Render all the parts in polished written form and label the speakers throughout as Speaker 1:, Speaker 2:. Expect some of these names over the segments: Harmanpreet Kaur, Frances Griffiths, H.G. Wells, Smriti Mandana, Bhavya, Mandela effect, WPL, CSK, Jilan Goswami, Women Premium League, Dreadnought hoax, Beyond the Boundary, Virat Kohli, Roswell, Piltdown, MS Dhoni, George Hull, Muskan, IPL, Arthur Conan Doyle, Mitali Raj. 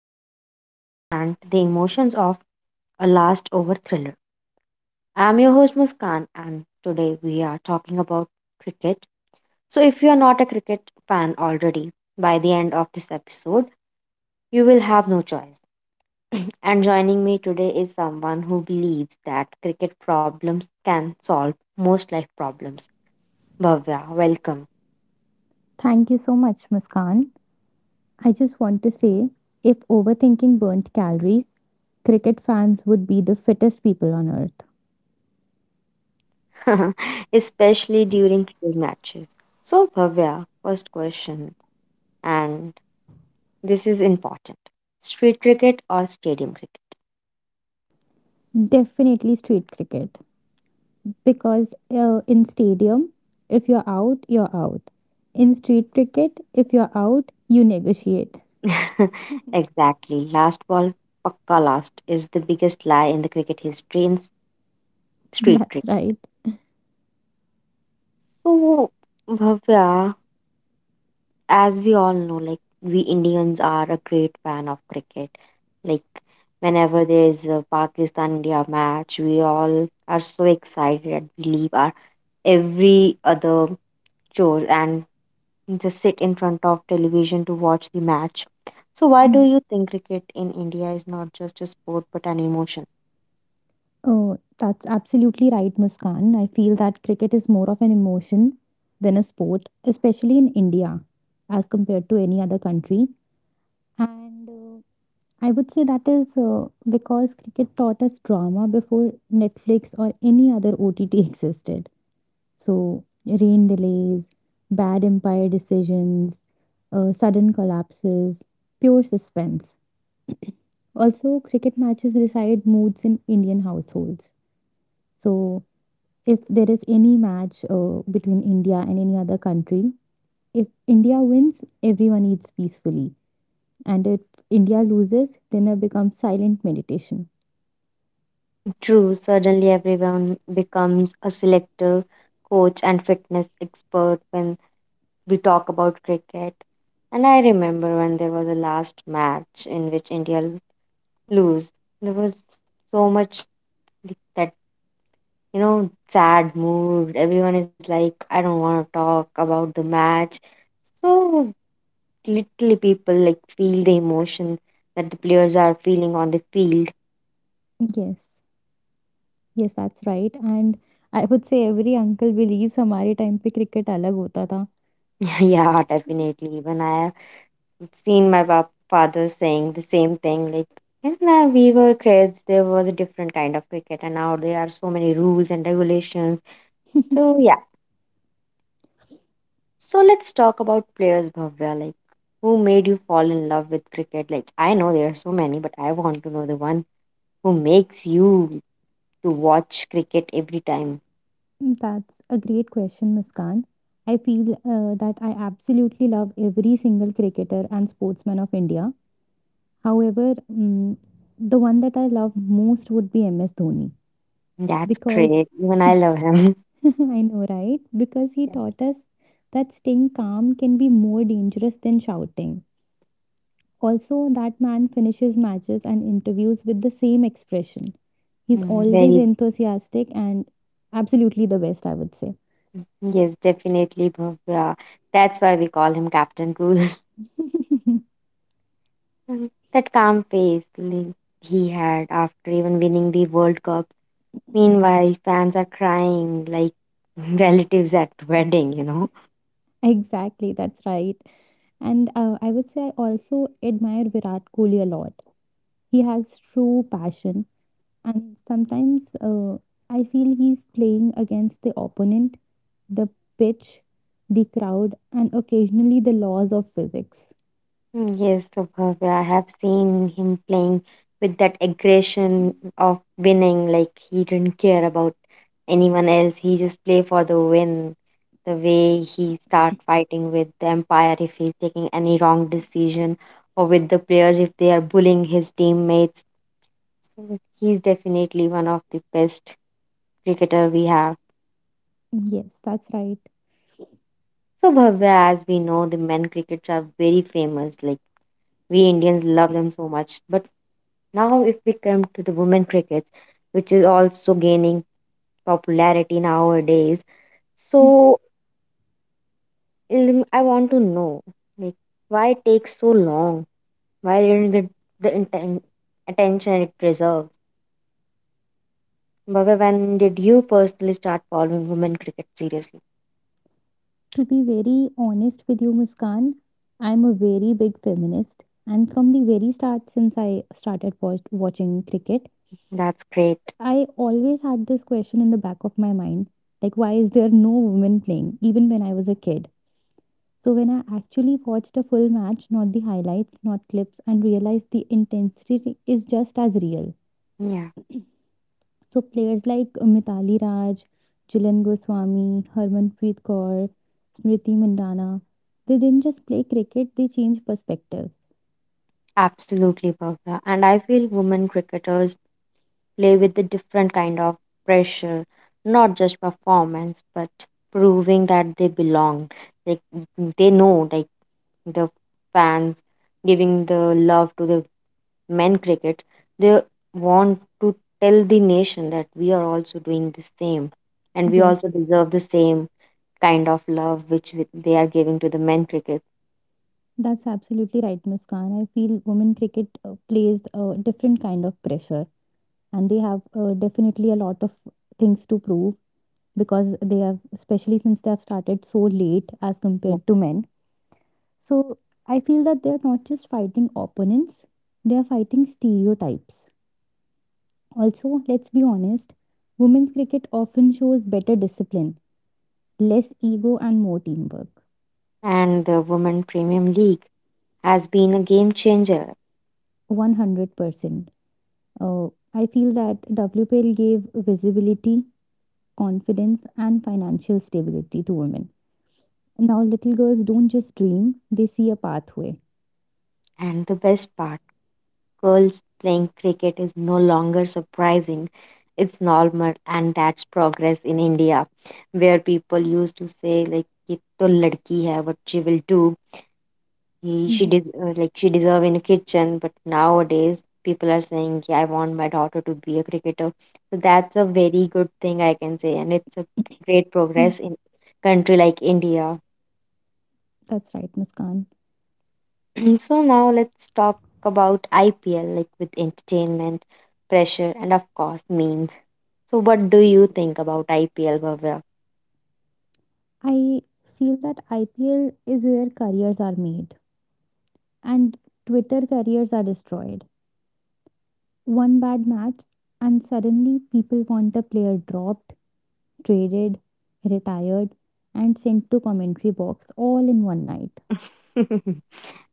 Speaker 1: conference and the emotions of a last over thriller. I'm your host, Muskan, and today we are talking about cricket. So, if you are not a cricket fan already, by the end of this episode, you will have no choice. And joining me today is someone who believes that cricket problems can solve most life problems. Bhavya, welcome,
Speaker 2: Thank you so much, Muskan. I just want to say if overthinking burnt calories, cricket fans would be the fittest people on earth.
Speaker 1: especially during quiz matches. So, Bhavya, first question, and this is important, street cricket or stadium
Speaker 2: Definitely street cricket. Because in stadium, if you're out, you're out. In street cricket, if you're out, you negotiate.
Speaker 1: cricket? Exactly, last ball, pakka last, is the biggest lie in the cricket history in street
Speaker 2: That's
Speaker 1: cricket.
Speaker 2: right.
Speaker 1: So, Bhavya, as we all know, like we Indians are a great fan of cricket. Like whenever there's a Pakistan India match, we all are so excited and we leave our every other chore and just sit in front of television to watch the match. So why do
Speaker 2: Hmm.
Speaker 1: you think cricket in India is not just a sport but an emotion?
Speaker 2: Oh, that's absolutely right, Muskan. I feel that cricket is more of an emotion than a sport, especially in India, as compared to any other country. And I would say that is because cricket taught us drama before Netflix or any other OTT existed. So, rain delays, bad umpire decisions, sudden collapses, pure suspense. Also, cricket matches decide moods in Indian households. So, if there is any match between India and any other country, if India wins, everyone eats peacefully. And if India loses, dinner becomes silent meditation.
Speaker 1: True, suddenly everyone becomes a selector, coach, and fitness expert when we talk about cricket. And I remember when there was a last match in which lose. There was so much that, you know, sad mood. Everyone is like, I don't want to talk about the match. So literally, people like feel the emotion that the players are feeling on the field.
Speaker 2: Yes, yes, that's right. And I would say every uncle believes हमारे time पे cricket अलग होता था.
Speaker 1: Yeah, definitely. Even I seen my father saying the same thing, like when we were kids there was a different kind of cricket and now there are so many rules and regulations. So yeah, so let's talk about players, Bhavya. Like who made you fall in love with cricket? Like I know there are so many but I want to know the one who makes you to watch cricket every time.
Speaker 2: That's a great question, Muskan. I feel that I absolutely love every single cricketer and sportsman of India. However, the one that I love most would be MS Dhoni
Speaker 1: That's
Speaker 2: because
Speaker 1: great, even I love him.
Speaker 2: I know, right? Because he
Speaker 1: Yeah.
Speaker 2: taught us that staying calm can be more dangerous than shouting. Also, that man finishes matches and interviews with the same expression. He's
Speaker 1: Mm,
Speaker 2: always
Speaker 1: very.
Speaker 2: enthusiastic and absolutely the best, I would say.
Speaker 1: Yes, definitely, Bhavya, that's why we call him Captain Cool. Mm, that calm face he had after even winning the World Cup. Meanwhile, fans are crying like relatives at wedding, you know.
Speaker 2: Exactly, that's right. And I would say I also admire Virat Kohli a lot. He has true passion, and sometimes I feel he's playing against the opponent, the pitch, the crowd, and occasionally the laws of physics.
Speaker 1: Mm, yes, so Bhavya, I have seen him playing with that aggression of winning, like he didn't care about anyone else. He just play for the win. The way he start fighting with the umpire if he's taking any wrong decision, or with the players if they are bullying his teammates. He's definitely one of the best cricketer we have.
Speaker 2: Yes, that's right.
Speaker 1: So Bhavya, as we know, the men crickets are very famous. Like we Indians love them so much. But now, if we come to the women crickets, which is also gaining popularity nowadays, so I want to know, like, why it takes so long? Why didn't it the inten- attention it deserves? Bhavya, when did you personally start following women cricket seriously?
Speaker 2: To be very honest with you, Muskan, I'm a very big feminist. And from the very start, since I started watching cricket,
Speaker 1: That's great.
Speaker 2: I always had this question in the back of my mind like, why is there no women playing, even when I was a kid? So, when I actually watched a full match, not the highlights, not clips, and realized the intensity is just as real,
Speaker 1: Yeah.
Speaker 2: so players like Mitali Raj, Jilan Goswami, Harmanpreet Kaur, Smriti Mandana, they didn't just play cricket, they changed perspectives.
Speaker 1: Absolutely, Bhavya. And I feel women cricketers play with a different kind of pressure, not just performance, but proving that they belong. Like mm, they know, like the fans giving the love to the men cricket, they want to tell the nation that we are also doing the same, and we
Speaker 2: Yes,
Speaker 1: also deserve the same kind of love which they are giving to the men cricket.
Speaker 2: that's absolutely right, Muskan. I feel women cricket plays a different kind of pressure, and they have definitely a lot of things to prove because they have, especially since they have started so late as compared to men. So I feel that they're not just fighting opponents, they are fighting stereotypes. Also, let's be honest, women's cricket often shows better discipline, less ego, and more teamwork.
Speaker 1: And the Women Premium League has been a game changer.
Speaker 2: 100%. Uh, I feel that WPL gave visibility, confidence, and financial stability to women. Now, little girls don't just dream, they see a pathway.
Speaker 1: And the best part, girls playing cricket is no longer surprising. It's normal, and that's progress in India, where people used to say, like, "Ye to ladki hai, what she will do. He,
Speaker 2: Yes.
Speaker 1: like she deserve in a kitchen." But nowadays, people are saying, yeah, "I want my daughter to be a cricketer." So that's a very good thing I can say, and it's a great
Speaker 2: Mm,
Speaker 1: progress in country like India.
Speaker 2: that's right, Muskan.
Speaker 1: So now let's talk about IPL, like with entertainment, pressure, and of course memes. So what do you think about IPL, Bhavya?
Speaker 2: I feel that IPL is where careers are made and Twitter careers are destroyed. One bad match, and suddenly people want the player dropped, traded, retired, and sent to commentary box all in one night.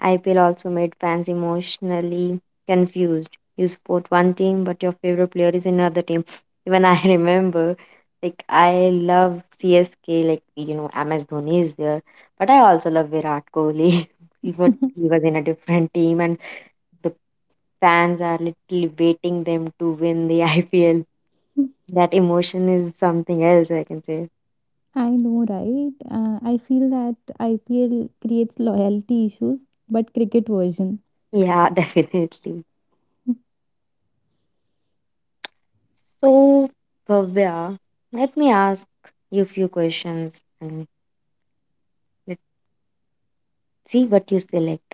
Speaker 1: IPL also made fans emotionally confused. You support one team, but your favorite player is another team. Even I remember, like I love CSK, like you know MS Dhoni is there, but I also love Virat Kohli. He was in a different team, and the fans are literally waiting them to win the IPL. That emotion is something else, I can say.
Speaker 2: I know, right? I feel that IPL creates loyalty issues, but cricket version.
Speaker 1: Yeah, definitely. So, Bhavya, let me ask you a few questions and let's see what you select.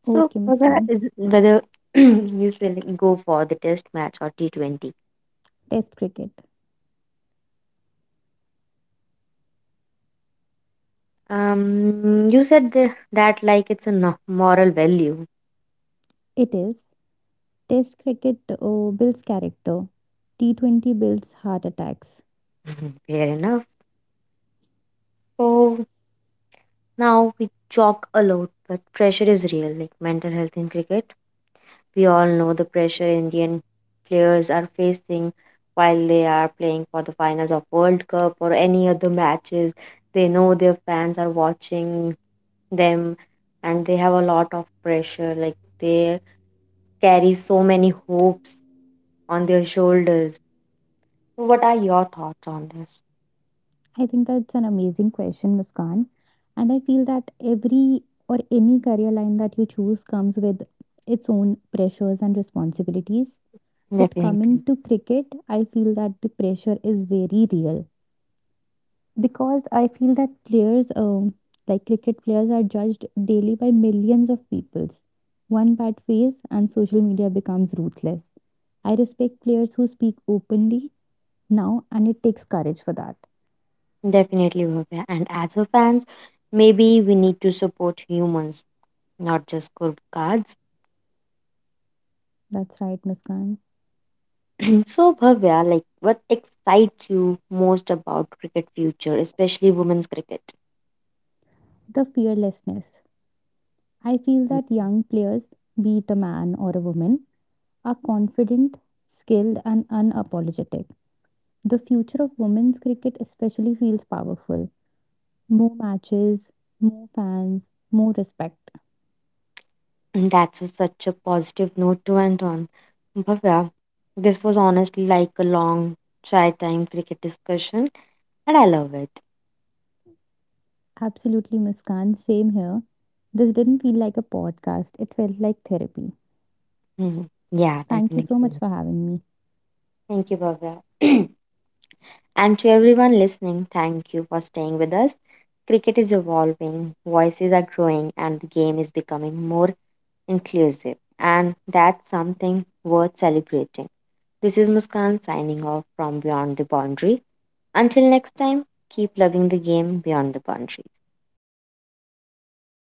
Speaker 1: So,
Speaker 2: Okay,
Speaker 1: Bhavya,
Speaker 2: Muskan.
Speaker 1: whether you select go for the test match or T20.
Speaker 2: Test cricket.
Speaker 1: You said that like it's a moral value.
Speaker 2: It is. Test cricket builds character. T20 builds heart attacks.
Speaker 1: Fair enough. So now we joke a lot, but pressure is real, like mental health in cricket. We all know the pressure Indian players are facing while they are playing for the finals of World Cup or any other matches. They know their fans are watching them and they have a lot of pressure. Like they carry so many hopes on their shoulders. So what are your thoughts on this?
Speaker 2: I think that's an amazing question, Muskan. And I feel that every or any career line that you choose comes with its own pressures and responsibilities. But coming
Speaker 1: Definitely.
Speaker 2: to cricket, I feel that the pressure is very real because I feel that players, like cricket players, are judged daily by millions of people. One bad phase and social media becomes ruthless. I respect players who speak openly now, and it takes courage for that.
Speaker 1: Definitely, Bhavya. And as a fans, maybe we need to support humans not just scorecards.
Speaker 2: That's right, Muskan.
Speaker 1: So, Bhavya, like, what excites you most about cricket future, especially women's cricket?
Speaker 2: The fearlessness. I feel that young players, be it a man or a woman, are confident, skilled, and unapologetic. The future of women's cricket especially feels powerful. More matches, more fans, more respect.
Speaker 1: And such a positive note to end on. Bhavya, this was honestly like a long try time cricket discussion, and I love it.
Speaker 2: Absolutely, Muskan, same here. This didn't feel like a podcast, it felt like therapy.
Speaker 1: Mhm. Yeah,
Speaker 2: Thank you so much
Speaker 1: definitely.
Speaker 2: for having me.
Speaker 1: Thank you, Bhavya. And to everyone listening, thank you for staying with us. Cricket is evolving, voices are growing, and the game is becoming more inclusive, and that's something worth celebrating. This is Muskan signing off from Beyond the Boundary. Until next time, keep loving the game beyond the boundary.